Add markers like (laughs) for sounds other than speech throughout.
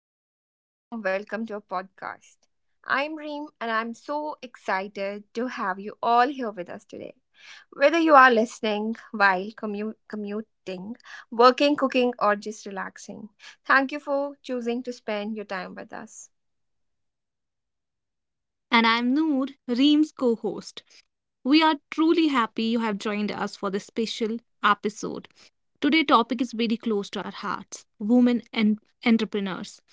and a very warm welcome to our podcast. I'm Reem, and I'm so excited to have you all here with us today. Whether you are listening while commuting, working, cooking, or just relaxing, thank you for choosing to spend your time with us. And I'm Noor, Reem's co host. We are truly happy you have joined us for this special episode. Today's topic is very close to our hearts women and entrepreneurs.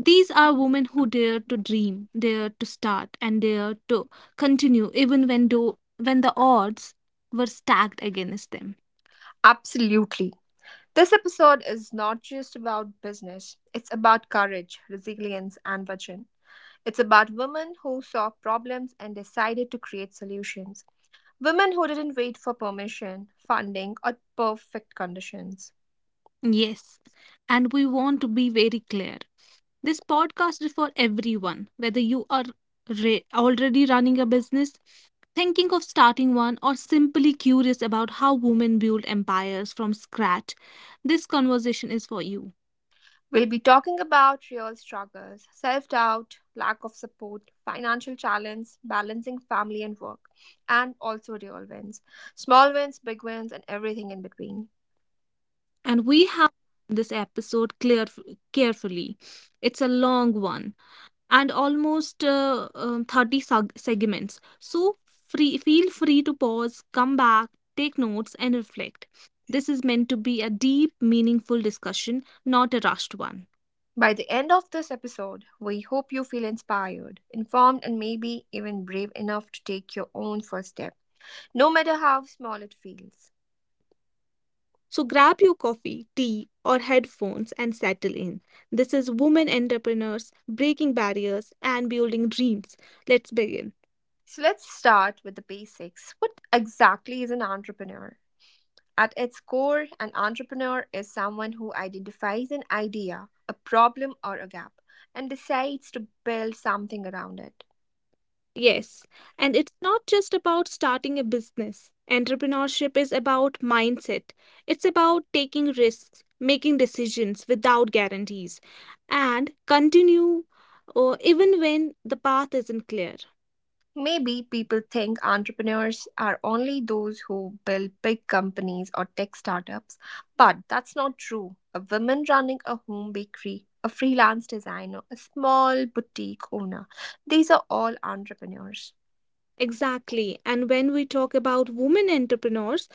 These are women who dare to dream, dare to start, and dare to continue even when the odds were stacked against them. Absolutely. This episode is not just about business, it's about courage, resilience, and vision. It's about women who saw problems and decided to create solutions. Women who didn't wait for permission, funding, or perfect conditions. Yes, and we want to be very clear. This podcast is for everyone, whether you are already running a business, thinking of starting one, or simply curious about how women build empires from scratch. This conversation is for you. We'll be talking about real struggles, self doubt, lack of support, financial challenge, balancing family and work, and also real wins small wins, big wins, and everything in between. And we have this episode carefully. It's a long one, and almost 30 segments. So feel free to pause, come back, take notes, and reflect. This is meant to be a deep, meaningful discussion, not a rushed one. By the end of this episode, we hope you feel inspired, informed, and maybe even brave enough to take your own first step, no matter how small it feels. So grab your coffee, tea, or headphones and settle in. This is Women Entrepreneurs Breaking Barriers and Building Dreams. Let's begin. So let's start with the basics. What exactly is an entrepreneur? At its core, an entrepreneur is someone who identifies an idea, a problem, or a gap, and decides to build something around it. Yes, and it's not just about starting a business. Entrepreneurship is about mindset. It's about taking risks, making decisions without guarantees, and continue even when the path isn't clear. Maybe people think entrepreneurs are only those who build big companies or tech startups, but that's not true. A woman running a home bakery, a freelance designer, a small boutique owner, these are all entrepreneurs. Exactly. And when we talk about women entrepreneurs,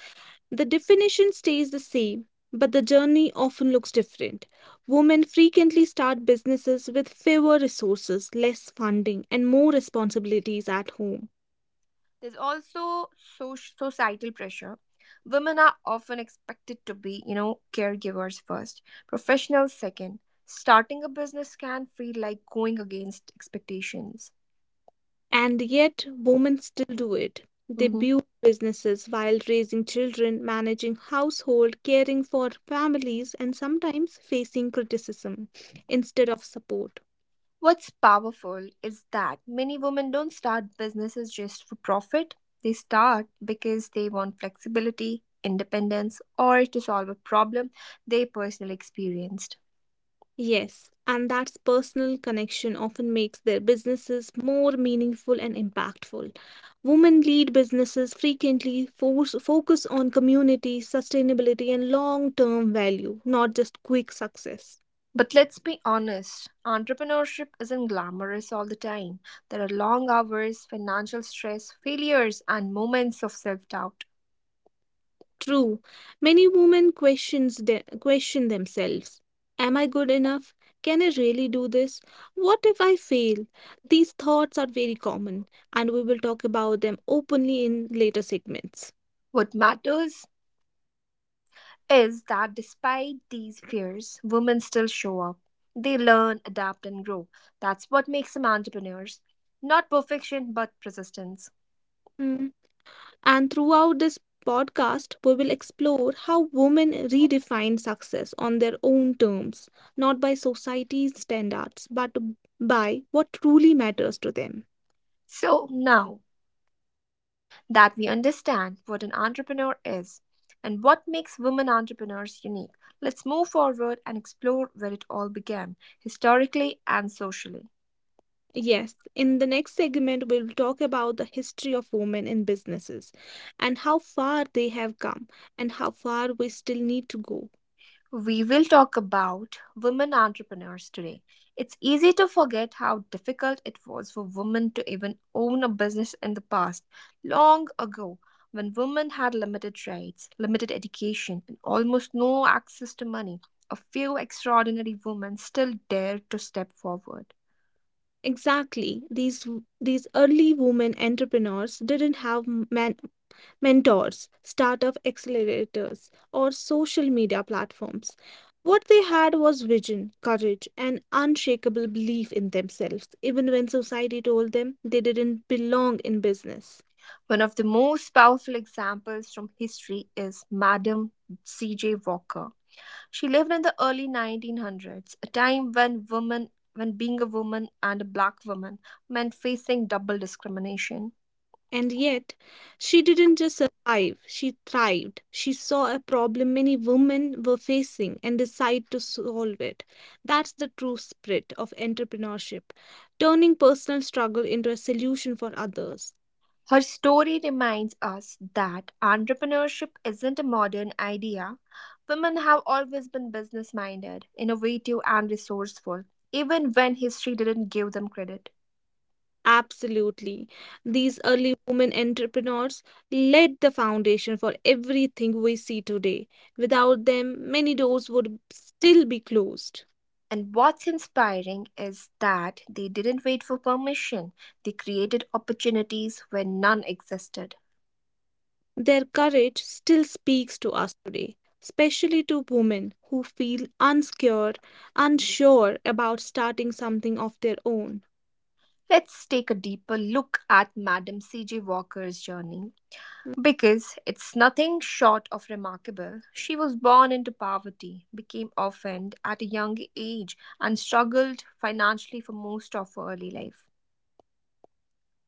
the definition stays the same, but the journey often looks different. Women frequently start businesses with fewer resources, less funding, and more responsibilities at home. There's also societal pressure. Women are often expected to be, you know, caregivers first, professionals second. Starting a business can feel like going against expectations. And yet, women still do it. They Mm-hmm. build businesses while raising children, managing household, caring for families, and sometimes facing criticism instead of support. What's powerful is that many women don't start businesses just for profit. They start because they want flexibility, independence, or to solve a problem they personally experienced. Yes, and that personal connection often makes their businesses more meaningful and impactful. Women lead businesses frequently focus on community, sustainability, and long term value, not just quick success. But let's be honest, entrepreneurship isn't glamorous all the time. There are long hours, financial stress, failures, and moments of self doubt. True, many women question themselves. Am I good enough? Can I really do this? What if I fail? These thoughts are very common, and we will talk about them openly in later segments. What matters is that despite these fears, women still show up. They learn, adapt, and grow. That's what makes them entrepreneurs. Not perfection, but persistence. And throughout this podcast, we will explore how women redefine success on their own terms, not by society's standards, but by what truly matters to them. So now, that we understand what an entrepreneur is and what makes women entrepreneurs unique, let's move forward and explore where it all began, historically and socially. Yes, in the next segment, we'll talk about the history of women in businesses and how far they have come and how far we still need to go. We will talk about women entrepreneurs today. It's easy to forget how difficult it was for women to even own a business in the past, long ago, when women had limited rights, limited education, and almost no access to money. A few extraordinary women still dared to step forward. Exactly. These early women entrepreneurs didn't have men, mentors, startup accelerators, or social media platforms. What they had was vision, courage, and unshakable belief in themselves, even when society told them they didn't belong in business. One of the most powerful examples from history is Madam C.J. Walker. She lived in the early 1900s, a time when being a woman and a black woman meant facing double discrimination. And yet, she didn't just survive, she thrived. She saw a problem many women were facing and decided to solve it. That's the true spirit of entrepreneurship, turning personal struggle into a solution for others. Her story reminds us that entrepreneurship isn't a modern idea. Women have always been business minded, innovative, and resourceful, even when history didn't give them credit. Absolutely. These early women entrepreneurs laid the foundation for everything we see today. Without them, many doors would still be closed. And what's inspiring is that they didn't wait for permission, they created opportunities where none existed. Their courage still speaks to us today, especially to women who feel unsure about starting something of their own. Let's take a deeper look at Madam C.J. Walker's journey because it's nothing short of remarkable. She was born into poverty, became orphaned at a young age, and struggled financially for most of her early life.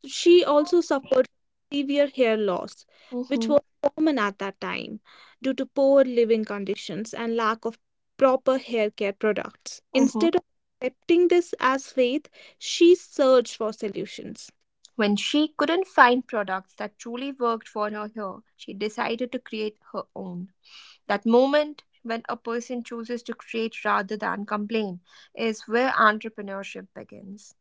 She also suffered severe hair loss, which Mm-hmm, was common at that time due to poor living conditions and lack of proper hair care products. mm-hmm. Instead of accepting this as faith, she searched for solutions. When she couldn't find products that truly worked for her hair, she decided to create her own. That moment when a person chooses to create rather than complain is where entrepreneurship begins.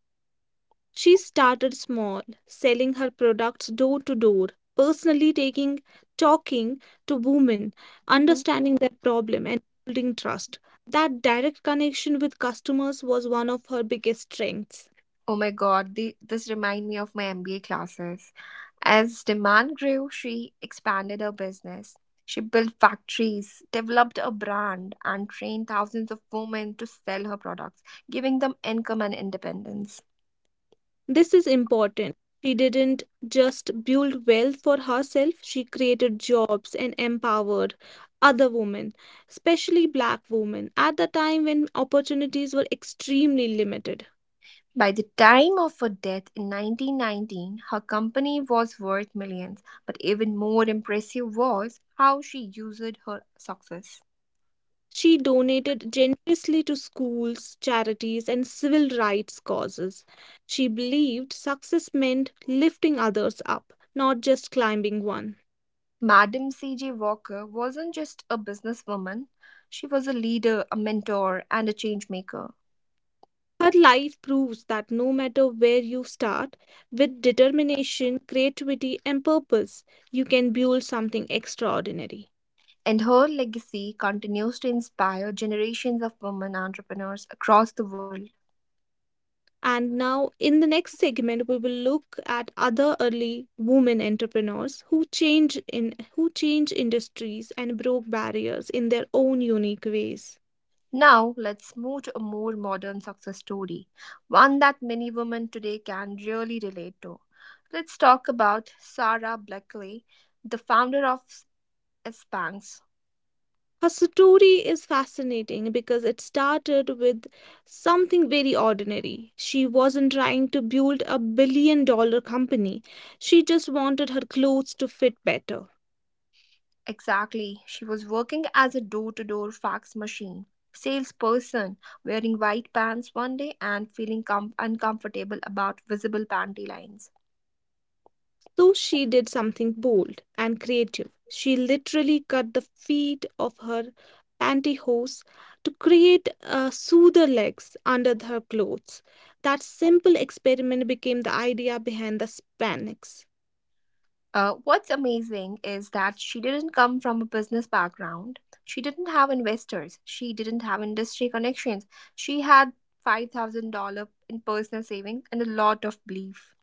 She started small, selling her products door to door, personally taking talking to women, Mhm. understanding their problem and building trust. That direct connection with customers was one of her biggest strengths. Oh my god, this remind me of my MBA classes. As demand grew, she expanded her business. She built factories, developed a brand, and trained thousands of women to sell her products, giving them income and independence. This is important. She didn't just build wealth for herself, she created jobs and empowered other women, especially black women, at the time when opportunities were extremely limited. By the time of her death in 1919, her company was worth millions, but even more impressive was how she used her success. She donated generously to schools, charities, and civil rights causes. She believed success meant lifting others up, not just climbing one. Madam C.J. Walker wasn't just a businesswoman, she was a leader, a mentor, and a change maker. Her life proves that no matter where you start, with determination, creativity, and purpose, you can build something extraordinary. And her legacy continues to inspire generations of women entrepreneurs across the world. And now, in the next segment, we will look at other early women entrepreneurs who change in who change industries and broke barriers in their own unique ways. Now, let's move to a more modern success story, one that many women today can really relate to. Let's talk about Sarah Blackley, the founder of Spanx. Her story is fascinating because it started with something very ordinary. She wasn't trying to build a billion dollar company. She just wanted her clothes to fit better. Exactly, she was working as a door to door fax machine salesperson, wearing white pants one day and feeling uncomfortable about visible panty lines. So she did something bold and creative. She literally cut the feet of her pantyhose to create soother legs under her clothes. That simple experiment became the idea behind the Spanx. What's amazing is that she didn't come from a business background. She didn't have investors. She didn't have industry connections. She had $5,000 in personal savings and a lot of belief.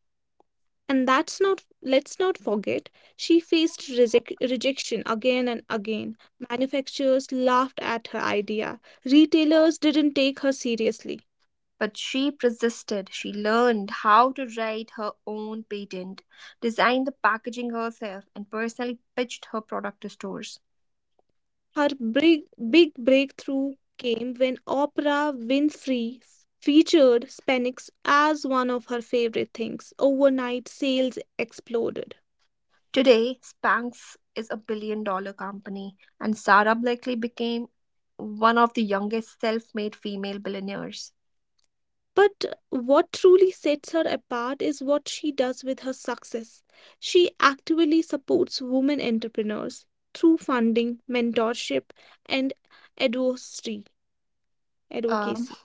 And that's not, let's not forget, she faced rejection again and again. Manufacturers laughed at her idea. Retailers didn't take her seriously. But she persisted. She learned how to write her own patent, designed the packaging herself, and personally pitched her product to stores. Her big, big breakthrough came when Oprah Winfrey featured Spanx as one of her favorite things. Overnight, sales exploded. Today, Spanx is a billion dollar company, and Sarah Blakely became one of the youngest self made female billionaires. But what truly sets her apart is what she does with her success. She actively supports women entrepreneurs through funding, mentorship, and advocacy. Um, Advocacy.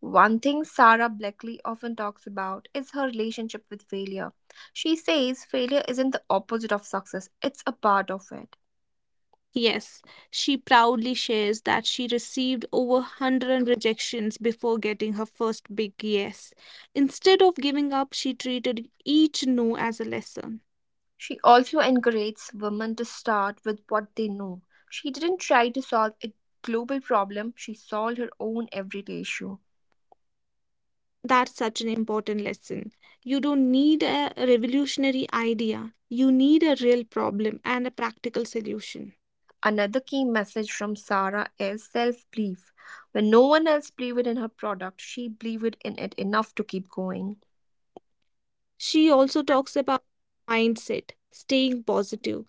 one thing Sarah Blackley often talks about is her relationship with failure. She says failure isn't the opposite of success, it's a part of it. Yes, she proudly shares that she received over 100 rejections before getting her first big yes. Instead of giving up, she treated each no as a lesson. She also encourages women to start with what they know. She didn't try to solve a global problem, she solved her own everyday issue. That's such an important lesson. You don't need a revolutionary idea, you need a real problem and a practical solution. Another key message from Sarah is self belief. When no one else believed in her product, she believed in it enough to keep going. She also talks about mindset, staying positive,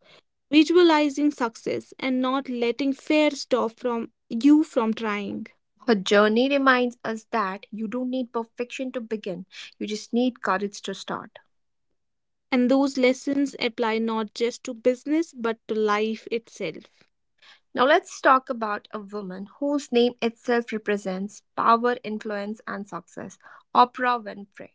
visualizing success, and not letting fear stop from you from trying. Her journey reminds us that you don't need perfection to begin, you just need courage to start. And those lessons apply not just to business but to life itself. Now, let's talk about a woman whose name itself represents power, influence, and success Oprah Winfrey.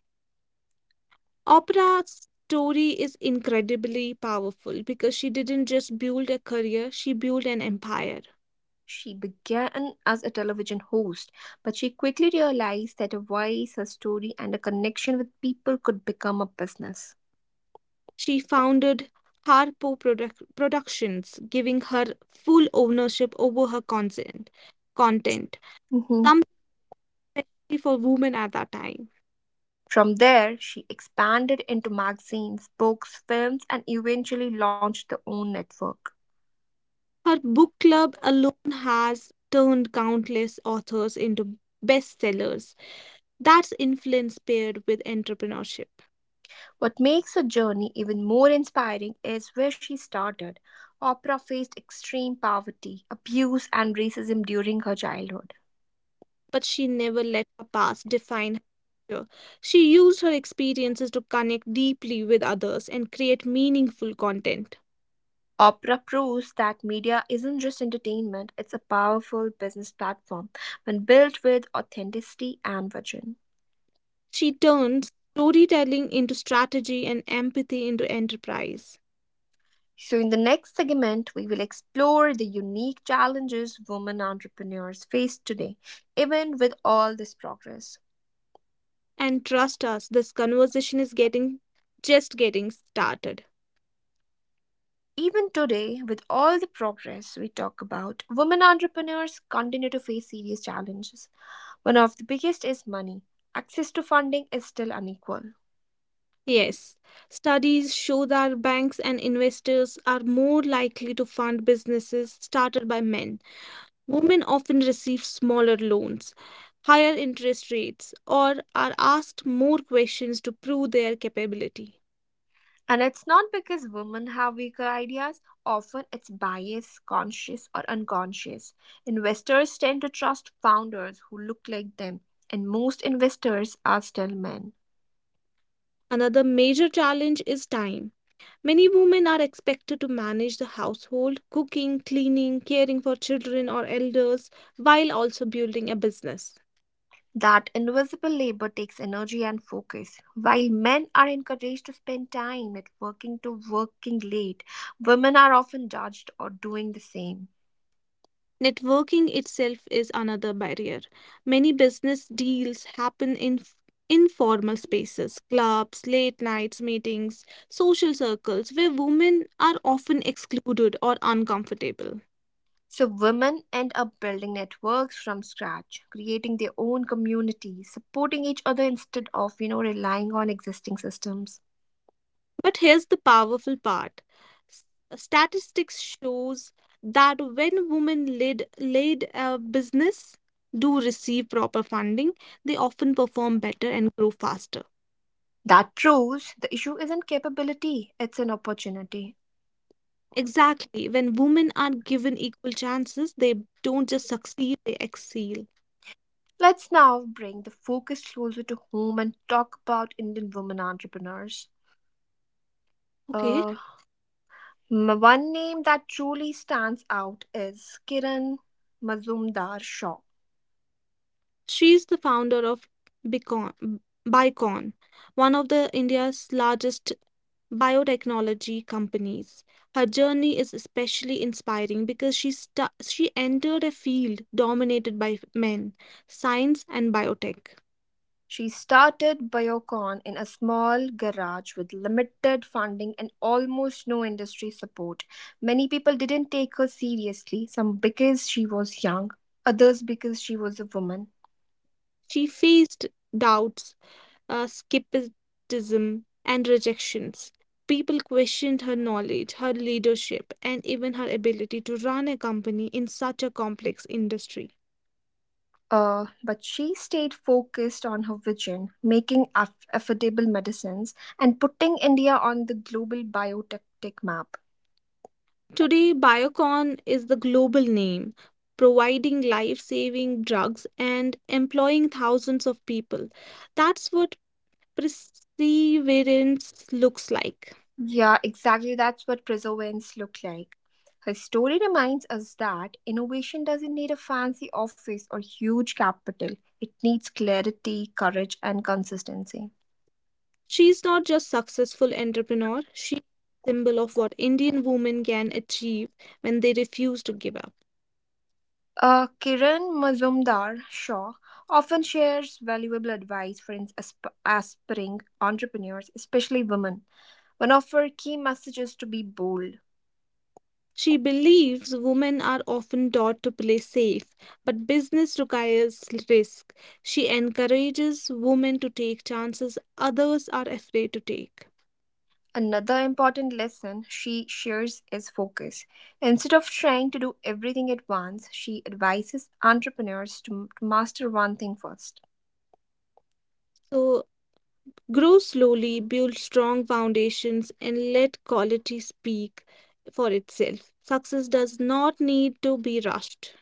Oprah's story is incredibly powerful because she didn't just build a career, she built an empire. She began as a television host, but she quickly realized that a voice, a story, and a connection with people could become a business. She founded Productions, giving her full ownership over her content, Mhm. something especially for women at that time. From there, she expanded into magazines, books, films, and eventually launched her own network. Her book club alone has turned countless authors into bestsellers. That's influence paired with entrepreneurship. What makes her journey even more inspiring is where she started. Oprah faced extreme poverty, abuse, and racism during her childhood. But she never let her past define her future. She used her experiences to connect deeply with others and create meaningful content. Oprah proves that media isn't just entertainment, it's a powerful business platform when built with authenticity and vision. She turns storytelling into strategy and empathy into enterprise. So, in the next segment, we will explore the unique challenges women entrepreneurs face today, even with all this progress. And trust us, this conversation is getting just getting started. Even today, with all the progress we talk about, women entrepreneurs continue to face serious challenges. One of the biggest is money. Access to funding is still unequal. Yes, studies show that banks and investors are more likely to fund businesses started by men. Women often receive smaller loans, higher interest rates, or are asked more questions to prove their capability. And it's not because women have weaker ideas, often it's bias, conscious or unconscious. Investors tend to trust founders who look like them, and most investors are still men. Another major challenge is time. Many women are expected to manage the household, cooking, cleaning, caring for children or elders, while also building a business. That invisible labor takes energy and focus. While men are encouraged to spend time at working to working late, women are often judged or doing the same. Networking itself is another barrier. Many business deals happen in informal spaces, clubs, late nights meetings, social circles where women are often excluded or uncomfortable. So, women end up building networks from scratch, creating their own community, supporting each other instead of, you know, relying on existing systems. But here's the powerful part. S- Statistics shows that when women lead a business do receive proper funding, they often perform better and grow faster. That proves the issue isn't capability, it's an opportunity. Exactly. When women are given equal chances, they don't just succeed, they excel. Let's now bring the focus closer to home and talk about Indian women entrepreneurs. Okay. Uh, One name that truly stands out is Kiran Mazumdar Shaw. She's the founder of Bicon, Bicon, one of the India's largest biotechnology companies. Her journey is especially inspiring because she entered a field dominated by men, science and biotech. She started Biocon in a small garage with limited funding and almost no industry support. Many people didn't take her seriously, some because she was young, others because she was a woman. She faced doubts, skepticism, and rejections. People questioned her knowledge, her leadership, and even her ability to run a company in such a complex industry. But she stayed focused on her vision, making affordable medicines and putting India on the global biotech tech map. Today, Biocon is the global name, providing life saving drugs and employing thousands of people. That's what perseverance looks like. Yeah, exactly. That's what preservance look like. Her story reminds us that innovation doesn't need a fancy office or huge capital. It needs clarity, courage, and consistency. She's not just successful entrepreneur, she symbol of what Indian women can achieve when they refuse to give up. Kiran Mazumdar Shaw often shares valuable advice for aspiring entrepreneurs, especially women. One of her key messages to be bold. She believes women are often taught to play safe, but business requires risk. She encourages women to take chances others are afraid to take. Another important lesson she shares is focus. Instead of trying to do everything at once, she advises entrepreneurs to master one thing first. So, grow slowly, build strong foundations, and let quality speak for itself. Success does not need to be rushed.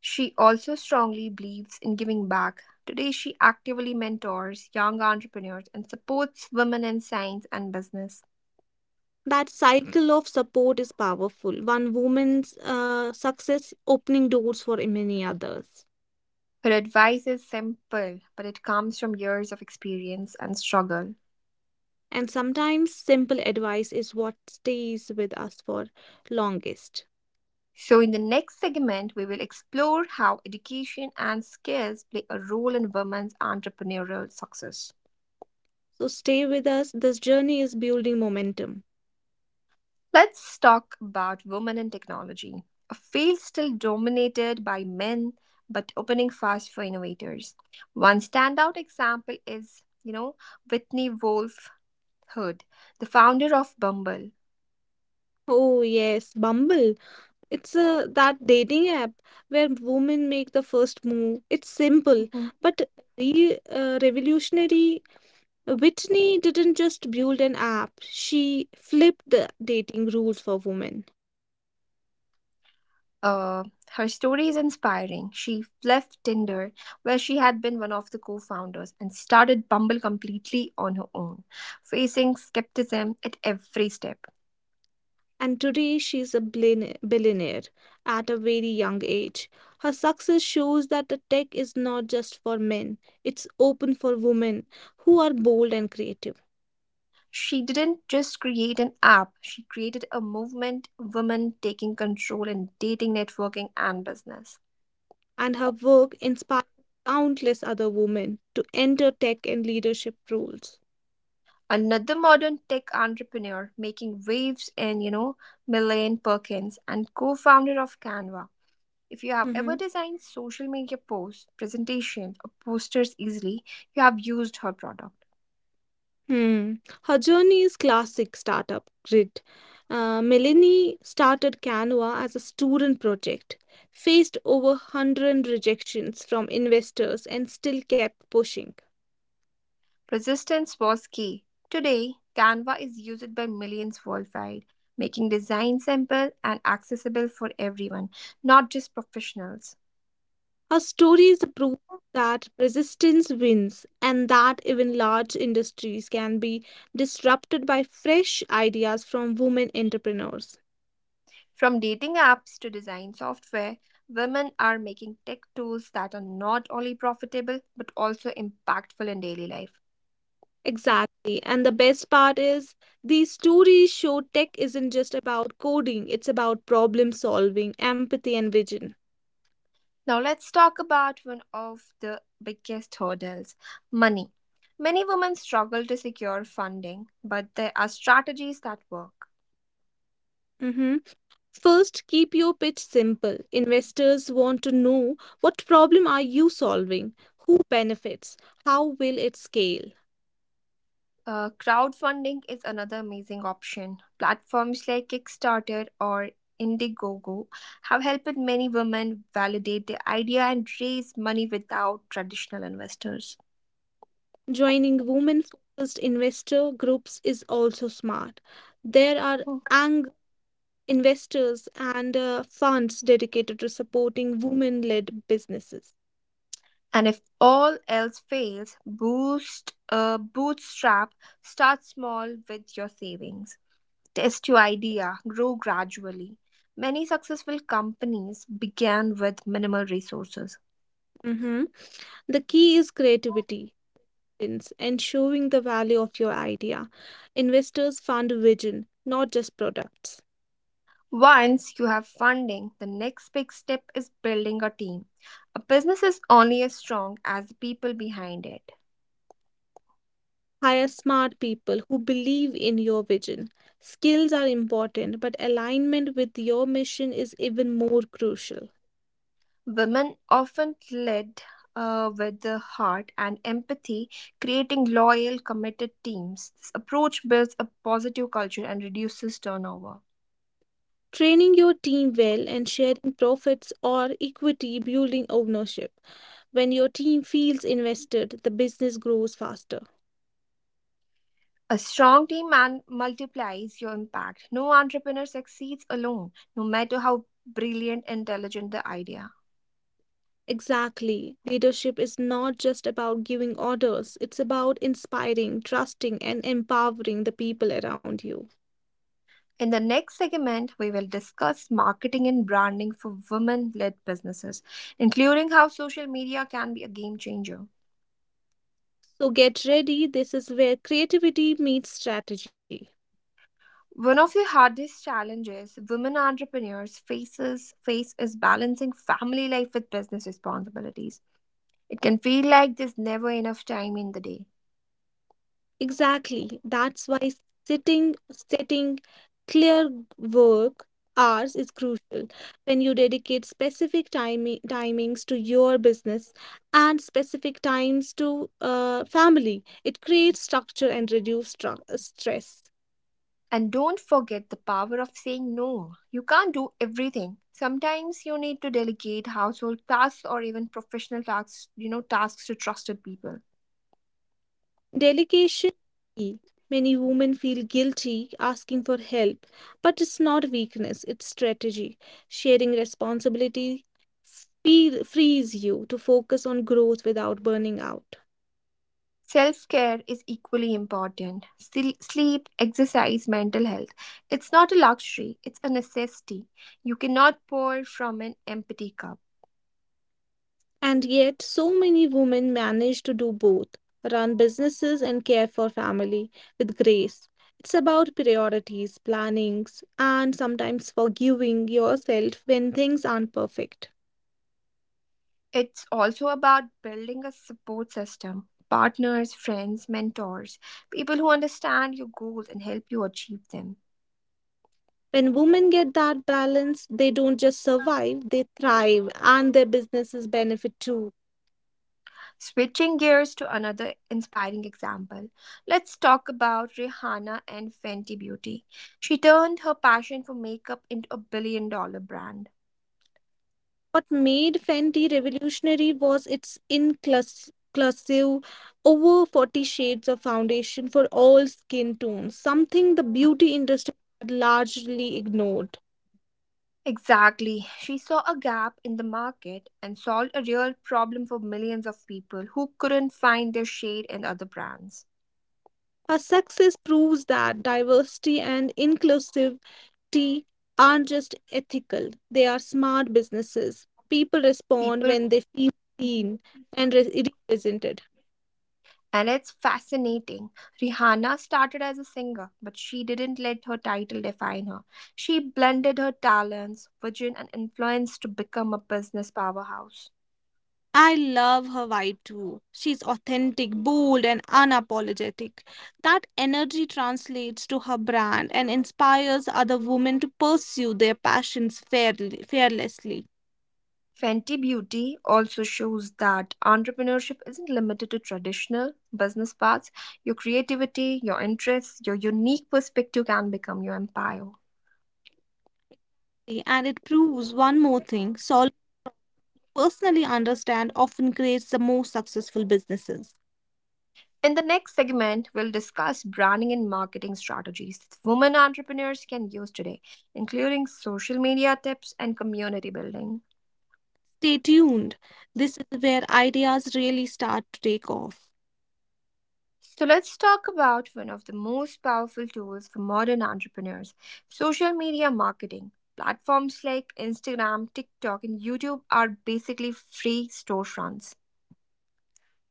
She also strongly believes in giving back. Today, she actively mentors young entrepreneurs and supports women in science and business. That cycle of support is powerful. One woman's success opening doors for many others. Her advice is simple, but it comes from years of experience and struggle. And sometimes simple advice is what stays with us for longest. So, in the next segment, we will explore how education and skills play a role in women's entrepreneurial success. So stay with us. This journey is building momentum. Let's talk about women in technology, a field still dominated by men but opening fast for innovators. One standout example is, you know, Whitney Wolf Hood, the founder of Bumble. Oh yes, Bumble. It's a that dating app where women make the first move. It's simple, but revolutionary. Whitney didn't just build an app. She flipped the dating rules for women. Uh, her story is inspiring. She left Tinder, where she had been one of the co founders, and started Bumble completely on her own, facing skepticism at every step. And today she's a billionaire at a very young age. Her success shows that the tech is not just for men, it's open for women who are bold and creative. She didn't just create an app, she created a movement, women taking control in dating, networking, and business. And her work inspires countless other women to enter tech and leadership roles. Another modern tech entrepreneur making waves in, you know, Milane Perkins and co founder of Canva If you have ever Hmm. designed social media posts, presentations, or posters easily, you have used her product. Hmm. Her journey is classic startup grit. Melanie started Canva as a student project, faced over 100 rejections from investors, and still kept pushing. Persistence was key. Today, Canva is used by millions worldwide, making design simple and accessible for everyone, not just professionals. Her stories prove that resistance wins and that even large industries can be disrupted by fresh ideas from women entrepreneurs. From dating apps to design software, women are making tech tools that are not only profitable but also impactful in daily life. Exactly. And the best part is, these stories show tech isn't just about coding, it's about problem solving, empathy, and vision. Now let's talk about one of the biggest hurdles money. Many women struggle to secure funding, but there are strategies that work. Hmm. First, keep your pitch simple. Investors want to know what problem are you solving? Who benefits? How will it scale? Crowdfunding is another amazing option. Platforms like Kickstarter or Indiegogo have helped many women validate their idea and raise money without traditional investors. Joining women focused investor groups is also smart. There are Mm. ang investors and funds dedicated to supporting women led businesses. And if all else fails, boost bootstrap. Start small with your savings. Test your idea, grow gradually. Many successful companies began with minimal resources. Mhm. The key is creativity. Evidence and showing the value of your idea. Investors fund vision, not just products. Once you have funding, the next big step is building a team. A business is only as strong as the people behind it. Hire smart people who believe in your vision. Skills are important, but alignment with your mission is even more crucial. Women often lead with the heart and empathy, creating loyal, committed teams. This approach builds a positive culture and reduces turnover. Training your team well and sharing profits or equity building ownership. When your team feels invested, the business grows faster. A strong team man multiplies your impact. No entrepreneur succeeds alone, no matter how brilliant and intelligent the idea. Exactly. Leadership is not just about giving orders, it's about inspiring, trusting, and empowering the people around you. In the next segment, we will discuss marketing and branding for women led businesses, including how social media can be a game changer. So get ready. This is where creativity meets strategy. One of the hardest challenges women entrepreneurs faces face is balancing family life with business responsibilities. It can feel like there's never enough time in the day. Exactly. That's why setting clear work hours is crucial. When you dedicate specific timings to your business and specific times to family, it creates structure and reduces stress. And don't forget the power of saying no. You can't do everything. Sometimes you need to delegate household tasks or even professional tasks, tasks to trusted people. Delegation is key. Many women feel guilty asking for help, but it's not weakness, it's strategy. Sharing responsibility frees you to focus on growth without burning out. Self care is equally important. Sleep, exercise, mental health. It's not a luxury, it's a necessity. You cannot pour from an empty cup. And yet, so many women manage to do both, run businesses and care for family with grace. It's about priorities, plannings, and sometimes forgiving yourself when things aren't perfect. It's also about building a support system partners, friends, mentors, people who understand your goals and help you achieve them. When women get that balance, they don't just survive, they thrive and their businesses benefit too. Switching gears to another inspiring example, let's talk about Rihanna and Fenty Beauty. She turned her passion for makeup into a billion dollar brand. What made Fenty revolutionary was its inclusive, over 40 shades of foundation for all skin tones, something the beauty industry had largely ignored. Exactly. She saw a gap in the market and solved a real problem for millions of people who couldn't find their shade in other brands. Her success proves that diversity and inclusive tea aren't just ethical, they are smart businesses. People respond People when they feel (laughs) seen and represented. and it's fascinating. Rihanna started as a singer, but she didn't let her title define her. She blended her talents, vision, and influence to become a business powerhouse. I love her vibe too. She's authentic, bold, and unapologetic. That energy translates to her brand and inspires other women to pursue their passions fearlessly. Fenty Beauty also shows that entrepreneurship isn't limited to traditional business paths. Your creativity, your interests, your unique perspective can become your empire. And it proves one more thing: solving personally understand often creates the most successful businesses. In the next segment, we'll discuss branding and marketing strategies that women entrepreneurs can use today, including social media tips and community building. Stay tuned. This is where ideas really start to take off. So let's talk about one of the most powerful tools for modern entrepreneurs social media marketing. Platforms like Instagram, TikTok, and YouTube are basically free storefronts.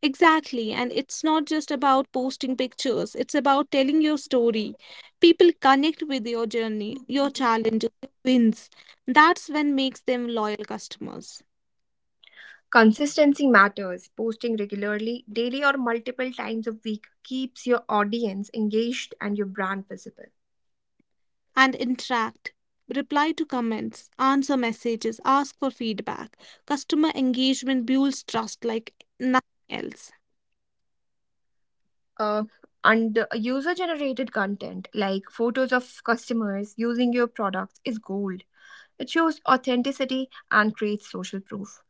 Exactly, and it's not just about posting pictures, it's about telling your story. People connect with your journey, your challenges, your wins. That's when makes them loyal customers. Consistency matters. Posting regularly, daily, or multiple times a week keeps your audience engaged and your brand visible. And interact. Reply to comments, answer messages, ask for feedback. Customer engagement builds trust like nothing else. Uh, and user generated content like photos of customers using your products is gold. It shows authenticity and creates social proof.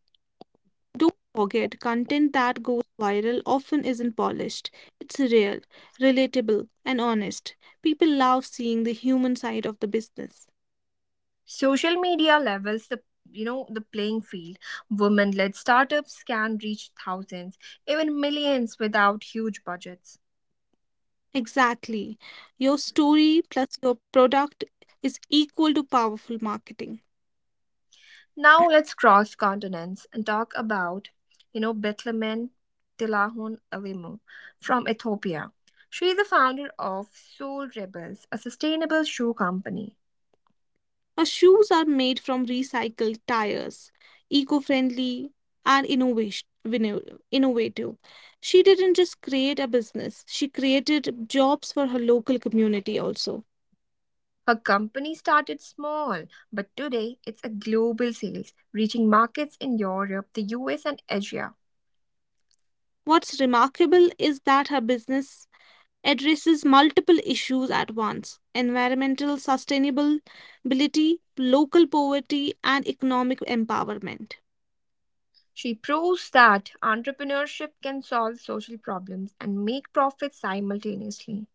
Don't forget, content that goes viral often isn't polished. It's real, relatable, and honest. People love seeing the human side of the business. Social media levels the you know the playing field. Women-led startups can reach thousands, even millions without huge budgets. Exactly. Your story plus your product is equal to powerful marketing. Now let's cross continents and talk about, Bethlehem Tilahun Alimo from Ethiopia. She is the founder of Soul Rebels, a sustainable shoe company. Our shoes are made from recycled tires, eco friendly, and innovative. She didn't just create a business, she created jobs for her local community also. Her company started small, but today it's a global sales, reaching markets in Europe, the US, and Asia. What's remarkable is that her business addresses multiple issues at once: environmental sustainability, local poverty, and economic empowerment. She proves that entrepreneurship can solve social problems and make profits simultaneously.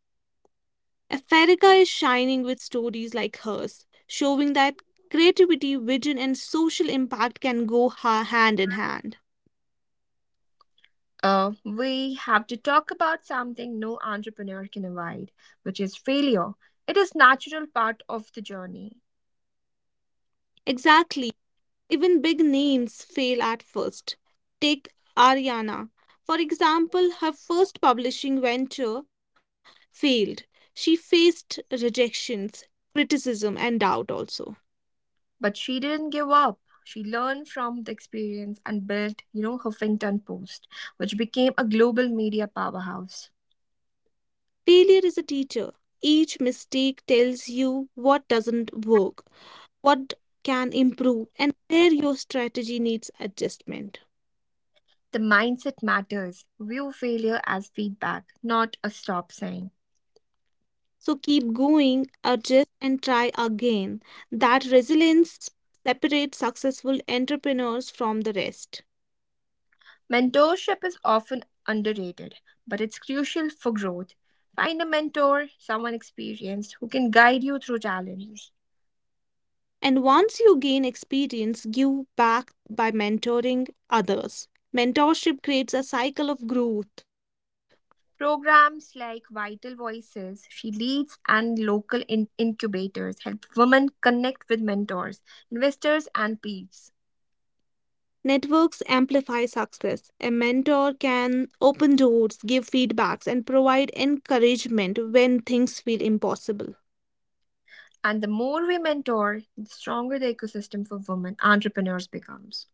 Africa is shining with stories like hers, showing that creativity, vision, and social impact can go hand in hand. We have to talk about something no entrepreneur can avoid, which is failure. It is natural part of the journey. Exactly. Even big names fail at first. Take Ariana. For example, her first publishing venture failed. She faced rejections, criticism, and doubt also. But she didn't give up. She learned from the experience and built, Huffington Post, which became a global media powerhouse. Failure is a teacher. Each mistake tells you what doesn't work, what can improve and where your strategy needs adjustment. The mindset matters. View failure as feedback, not a stop sign. So keep going, adjust, and try again. That resilience separates successful entrepreneurs from the rest. Mentorship is often underrated, but it's crucial for growth. Find a mentor, someone experienced who can guide you through challenges. And once you gain experience, give back by mentoring others. Mentorship creates a cycle of growth. Programs like Vital Voices, She Leads, and local incubators help women connect with mentors, investors, and peers. Networks amplify success. A mentor can open doors, give feedbacks, and provide encouragement when things feel impossible. And the more we mentor, the stronger the ecosystem for women entrepreneurs becomes.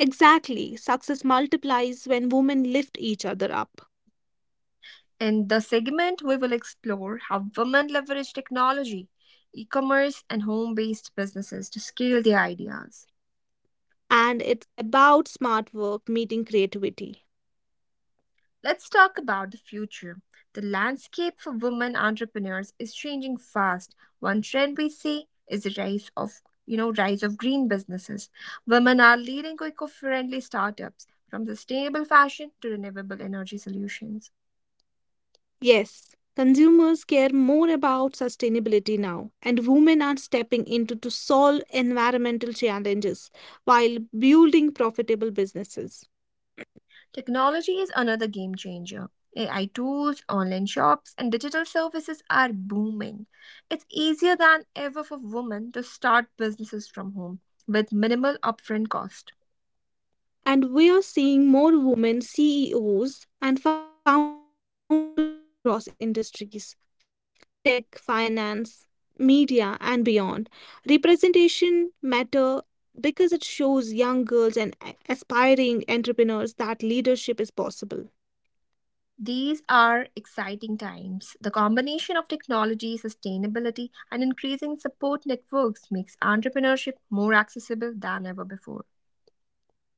Exactly. Success multiplies when women lift each other up. In the segment, we will explore how women leverage technology, e commerce, and home based businesses to scale their ideas. And it's about smart work meeting creativity. Let's talk about the future. The landscape for women entrepreneurs is changing fast. One trend we see is the rise of, rise of green businesses. Women are leading eco-friendly startups from sustainable fashion to renewable energy solutions. Yes, consumers care more about sustainability now, and women are stepping into to solve environmental challenges while building profitable businesses. Technology is another game changer. AI tools, online shops, and digital services are booming. It's easier than ever for women to start businesses from home with minimal upfront cost. And we are seeing more women CEOs and founders across industries: tech, finance, media, and beyond. Representation matter because it shows young girls and aspiring entrepreneurs that leadership is possible. These are exciting times. The combination of technology, sustainability, and increasing support networks makes entrepreneurship more accessible than ever before.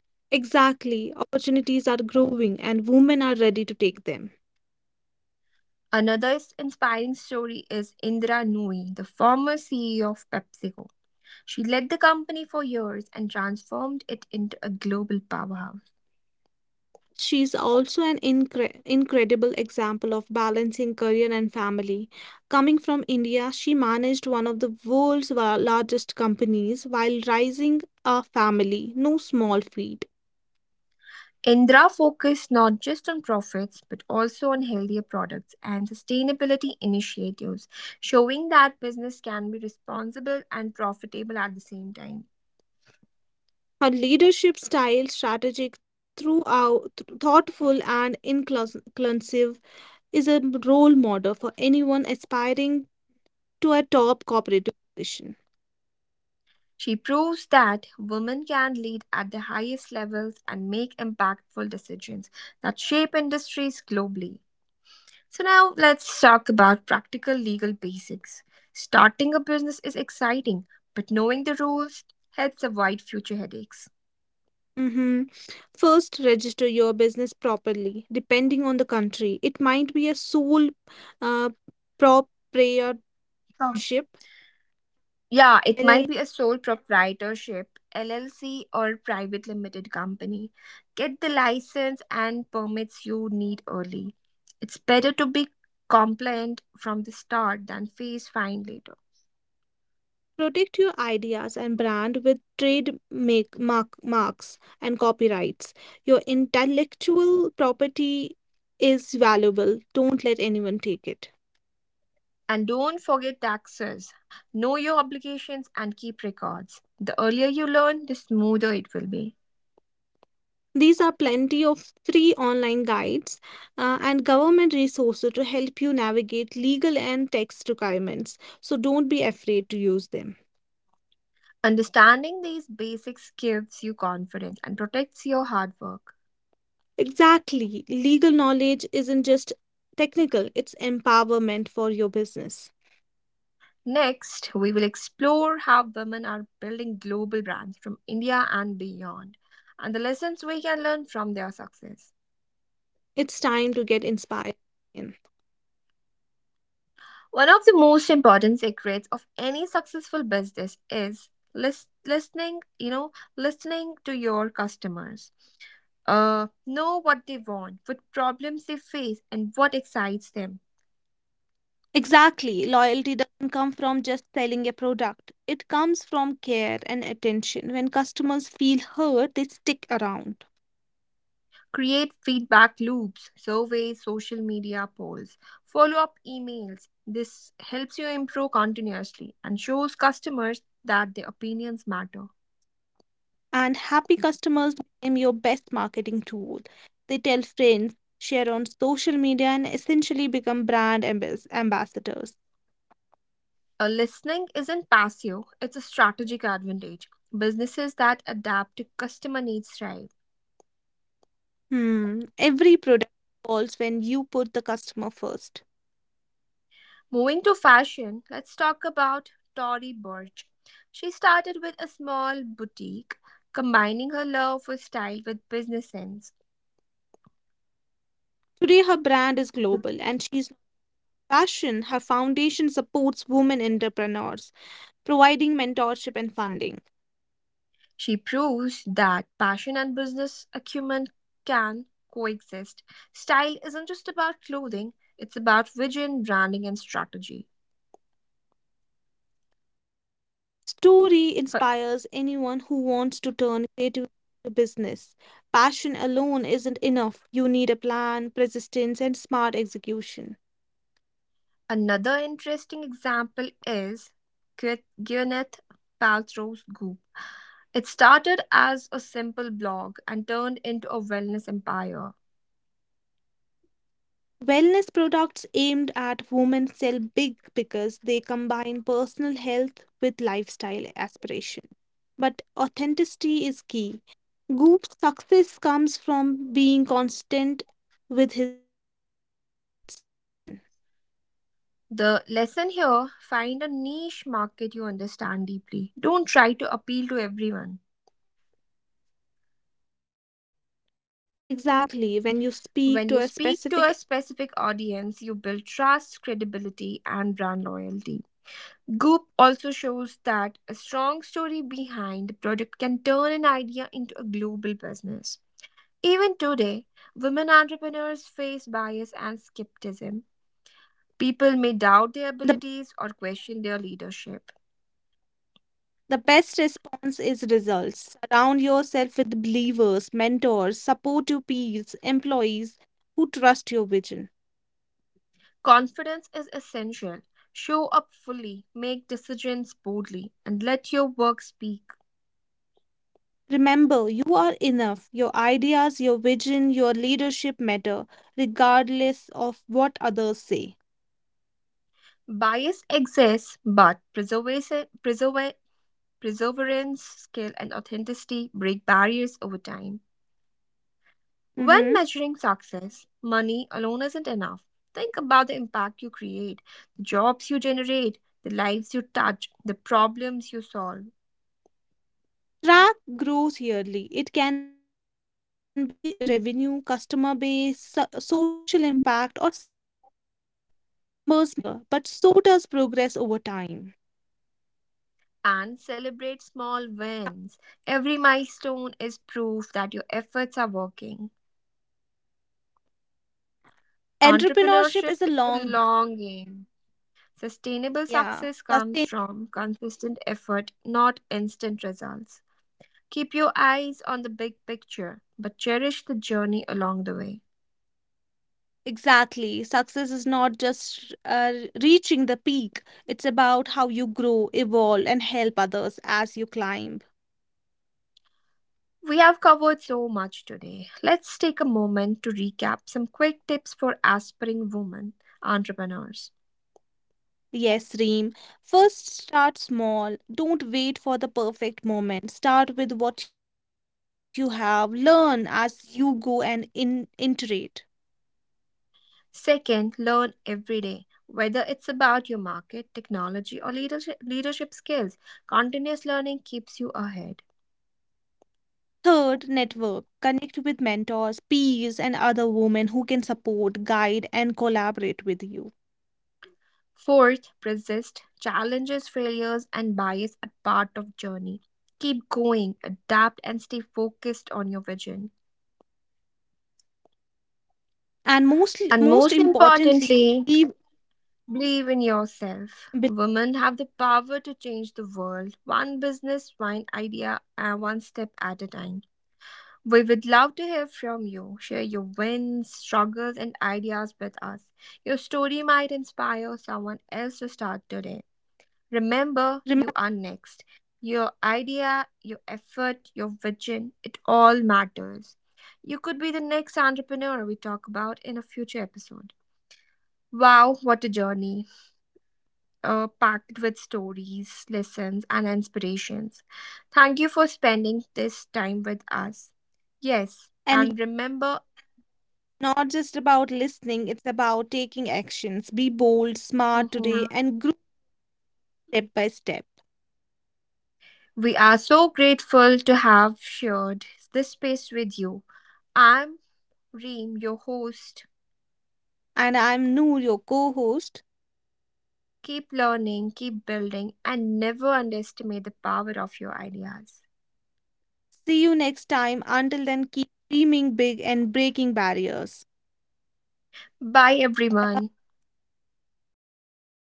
Exactly, opportunities are growing and women are ready to take them. Another inspiring story is Indira Nooyi, the former CEO of PepsiCo. She led the company for years and transformed it into a global powerhouse. She's also an incredible example of balancing career and family. Coming from India, she managed one of the world's largest companies while raising a family, no small feat. Indra focused not just on profits but also on healthier products and sustainability initiatives, showing that business can be responsible and profitable at the same time. Her leadership style, strategic, thoughtful, and inclusive, is a role model for anyone aspiring to a top cooperative position. She proves that women can lead at the highest levels and make impactful decisions that shape industries globally. So, now let's talk about practical legal basics. Starting a business is exciting, but knowing the rules helps avoid future headaches. Mm-hmm. First, register your business properly. Depending on the country, it might be a sole uh, proprietorship, Yeah, it L L might be C. a sole proprietorship, LLC, or private limited company. Get the license and permits you need early. It's better to be compliant from the start than face fine later. Protect your ideas and brand with marks and copyrights. Your intellectual property is valuable. Don't let anyone take it. And don't forget taxes. Know your obligations and keep records. The earlier you learn, the smoother it will be. These are plenty of free online guides and government resources to help you navigate legal and tax requirements. So don't be afraid to use them. Understanding these basics gives you confidence and protects your hard work. Exactly. Legal knowledge isn't just technical, it's empowerment for your business. Next, we will explore how women are building global brands from India and beyond, and the lessons we can learn from their success. It's time to get inspired again. One of the most important secrets of any successful business is listening, listening to your customers. Know what they want, what problems they face, and what excites them. Exactly. Loyalty doesn't come from just selling a product, it comes from care and attention. When customers feel heard, they stick around. Create feedback loops, surveys, social media polls, follow up emails. This helps you improve continuously and shows customers that their opinions matter. And happy customers become your best marketing tool. They tell friends, share on social media, and essentially become brand ambassadors. A listening isn't passive, it's a strategic advantage. Businesses that adapt to customer needs thrive. Hmm. Every product evolves when you put the customer first. Moving to fashion, let's talk about Tori Burch. She started with a small boutique, combining her love for style with business sense. Today, her brand is global and she's passion. Her foundation supports women entrepreneurs, providing mentorship and funding. She proves that passion and business acumen can coexist. Style isn't just about clothing, it's about vision, branding, and strategy. Her story inspires anyone who Her- wants to turn creativity into business. Passion alone isn't enough. You need a plan, persistence, and smart execution. Another interesting example is Gwyneth Paltrow's Goop. It started as a simple blog and turned into a wellness empire. Wellness products aimed at women sell big because they combine personal health with lifestyle aspiration. But authenticity is key. Goop's success comes from being constant with his vision. The lesson here find a niche market you understand deeply. Don't try to appeal to everyone. Exactly, when you speak to a specific, When you speak to a specific audience, you build trust, credibility, and brand loyalty. Goop also shows that a strong story behind the product can turn an idea into a global business. Even today, women entrepreneurs face bias and skepticism. People may doubt their the abilities or question their leadership. the best response is results. Surround yourself with believers, mentors, supportive peers, employees who trust your vision. Confidence is essential. Show up fully, make decisions boldly, and let your work speak. Remember, you are enough. Your ideas, your vision, your leadership matter, regardless of what others say. Bias exists, but perseverance, skill, and authenticity break barriers over time. When Mm-hmm. measuring success, money alone isn't enough. Think about the impact you create, the jobs you generate, the lives you touch, the problems you solve, Track growth yearly. It can be revenue, customer base, social impact, or skill development. Numbers matter, but so does progress over time. and celebrate small wins. Every milestone is proof that your efforts are working. Entrepreneurship Entrepreneurship is a is a long, long game. Sustainable yeah, success comes sustain. from consistent effort, not instant results. Keep your eyes on the big picture, but cherish the journey along the way. Exactly. Success is not just reaching the peak, it's about how you grow, evolve, and help others as you climb. We have covered so much today. Let's take a moment to recap some quick tips for aspiring women entrepreneurs. Yes, Reem. First, start small. Don't wait for the perfect moment. Start with what you have. Learn as you go and in iterate. Second, learn every day. Whether it's about your market, technology, or leadership skills, continuous learning keeps you ahead. Third, network. Connect with mentors, peers, and other women who can support, guide, and collaborate with you. Fourth, persist. Challenges, failures, and bias are part of journey. Keep going, adapt, and stay focused on your vision. And most And most most importantly, importantly, be, believe in yourself. be- Women have the power to change the world, one business, one idea, and one step at a time. We would love to hear from you. Share your wins, struggles, and ideas with us. Your story might inspire someone else to start today. Remember, you are remember, next. Your idea, your effort, your vision, it all matters. You could be the next entrepreneur we talk about in a future episode. Wow, what a journey, packed with stories, lessons, and inspirations. Thank you for spending this time with us. Yes, and it's and remember, not just about listening. It's about taking actions. Be bold, smart today, mhm, and grow step by step. we are so grateful to have shared this space with you. I'm Reem, your host. And I'm Noor, your co-host. Keep learning, keep building, and never underestimate the power of your ideas. See you next time. Until then, keep dreaming big and breaking barriers. Bye, everyone. Bye.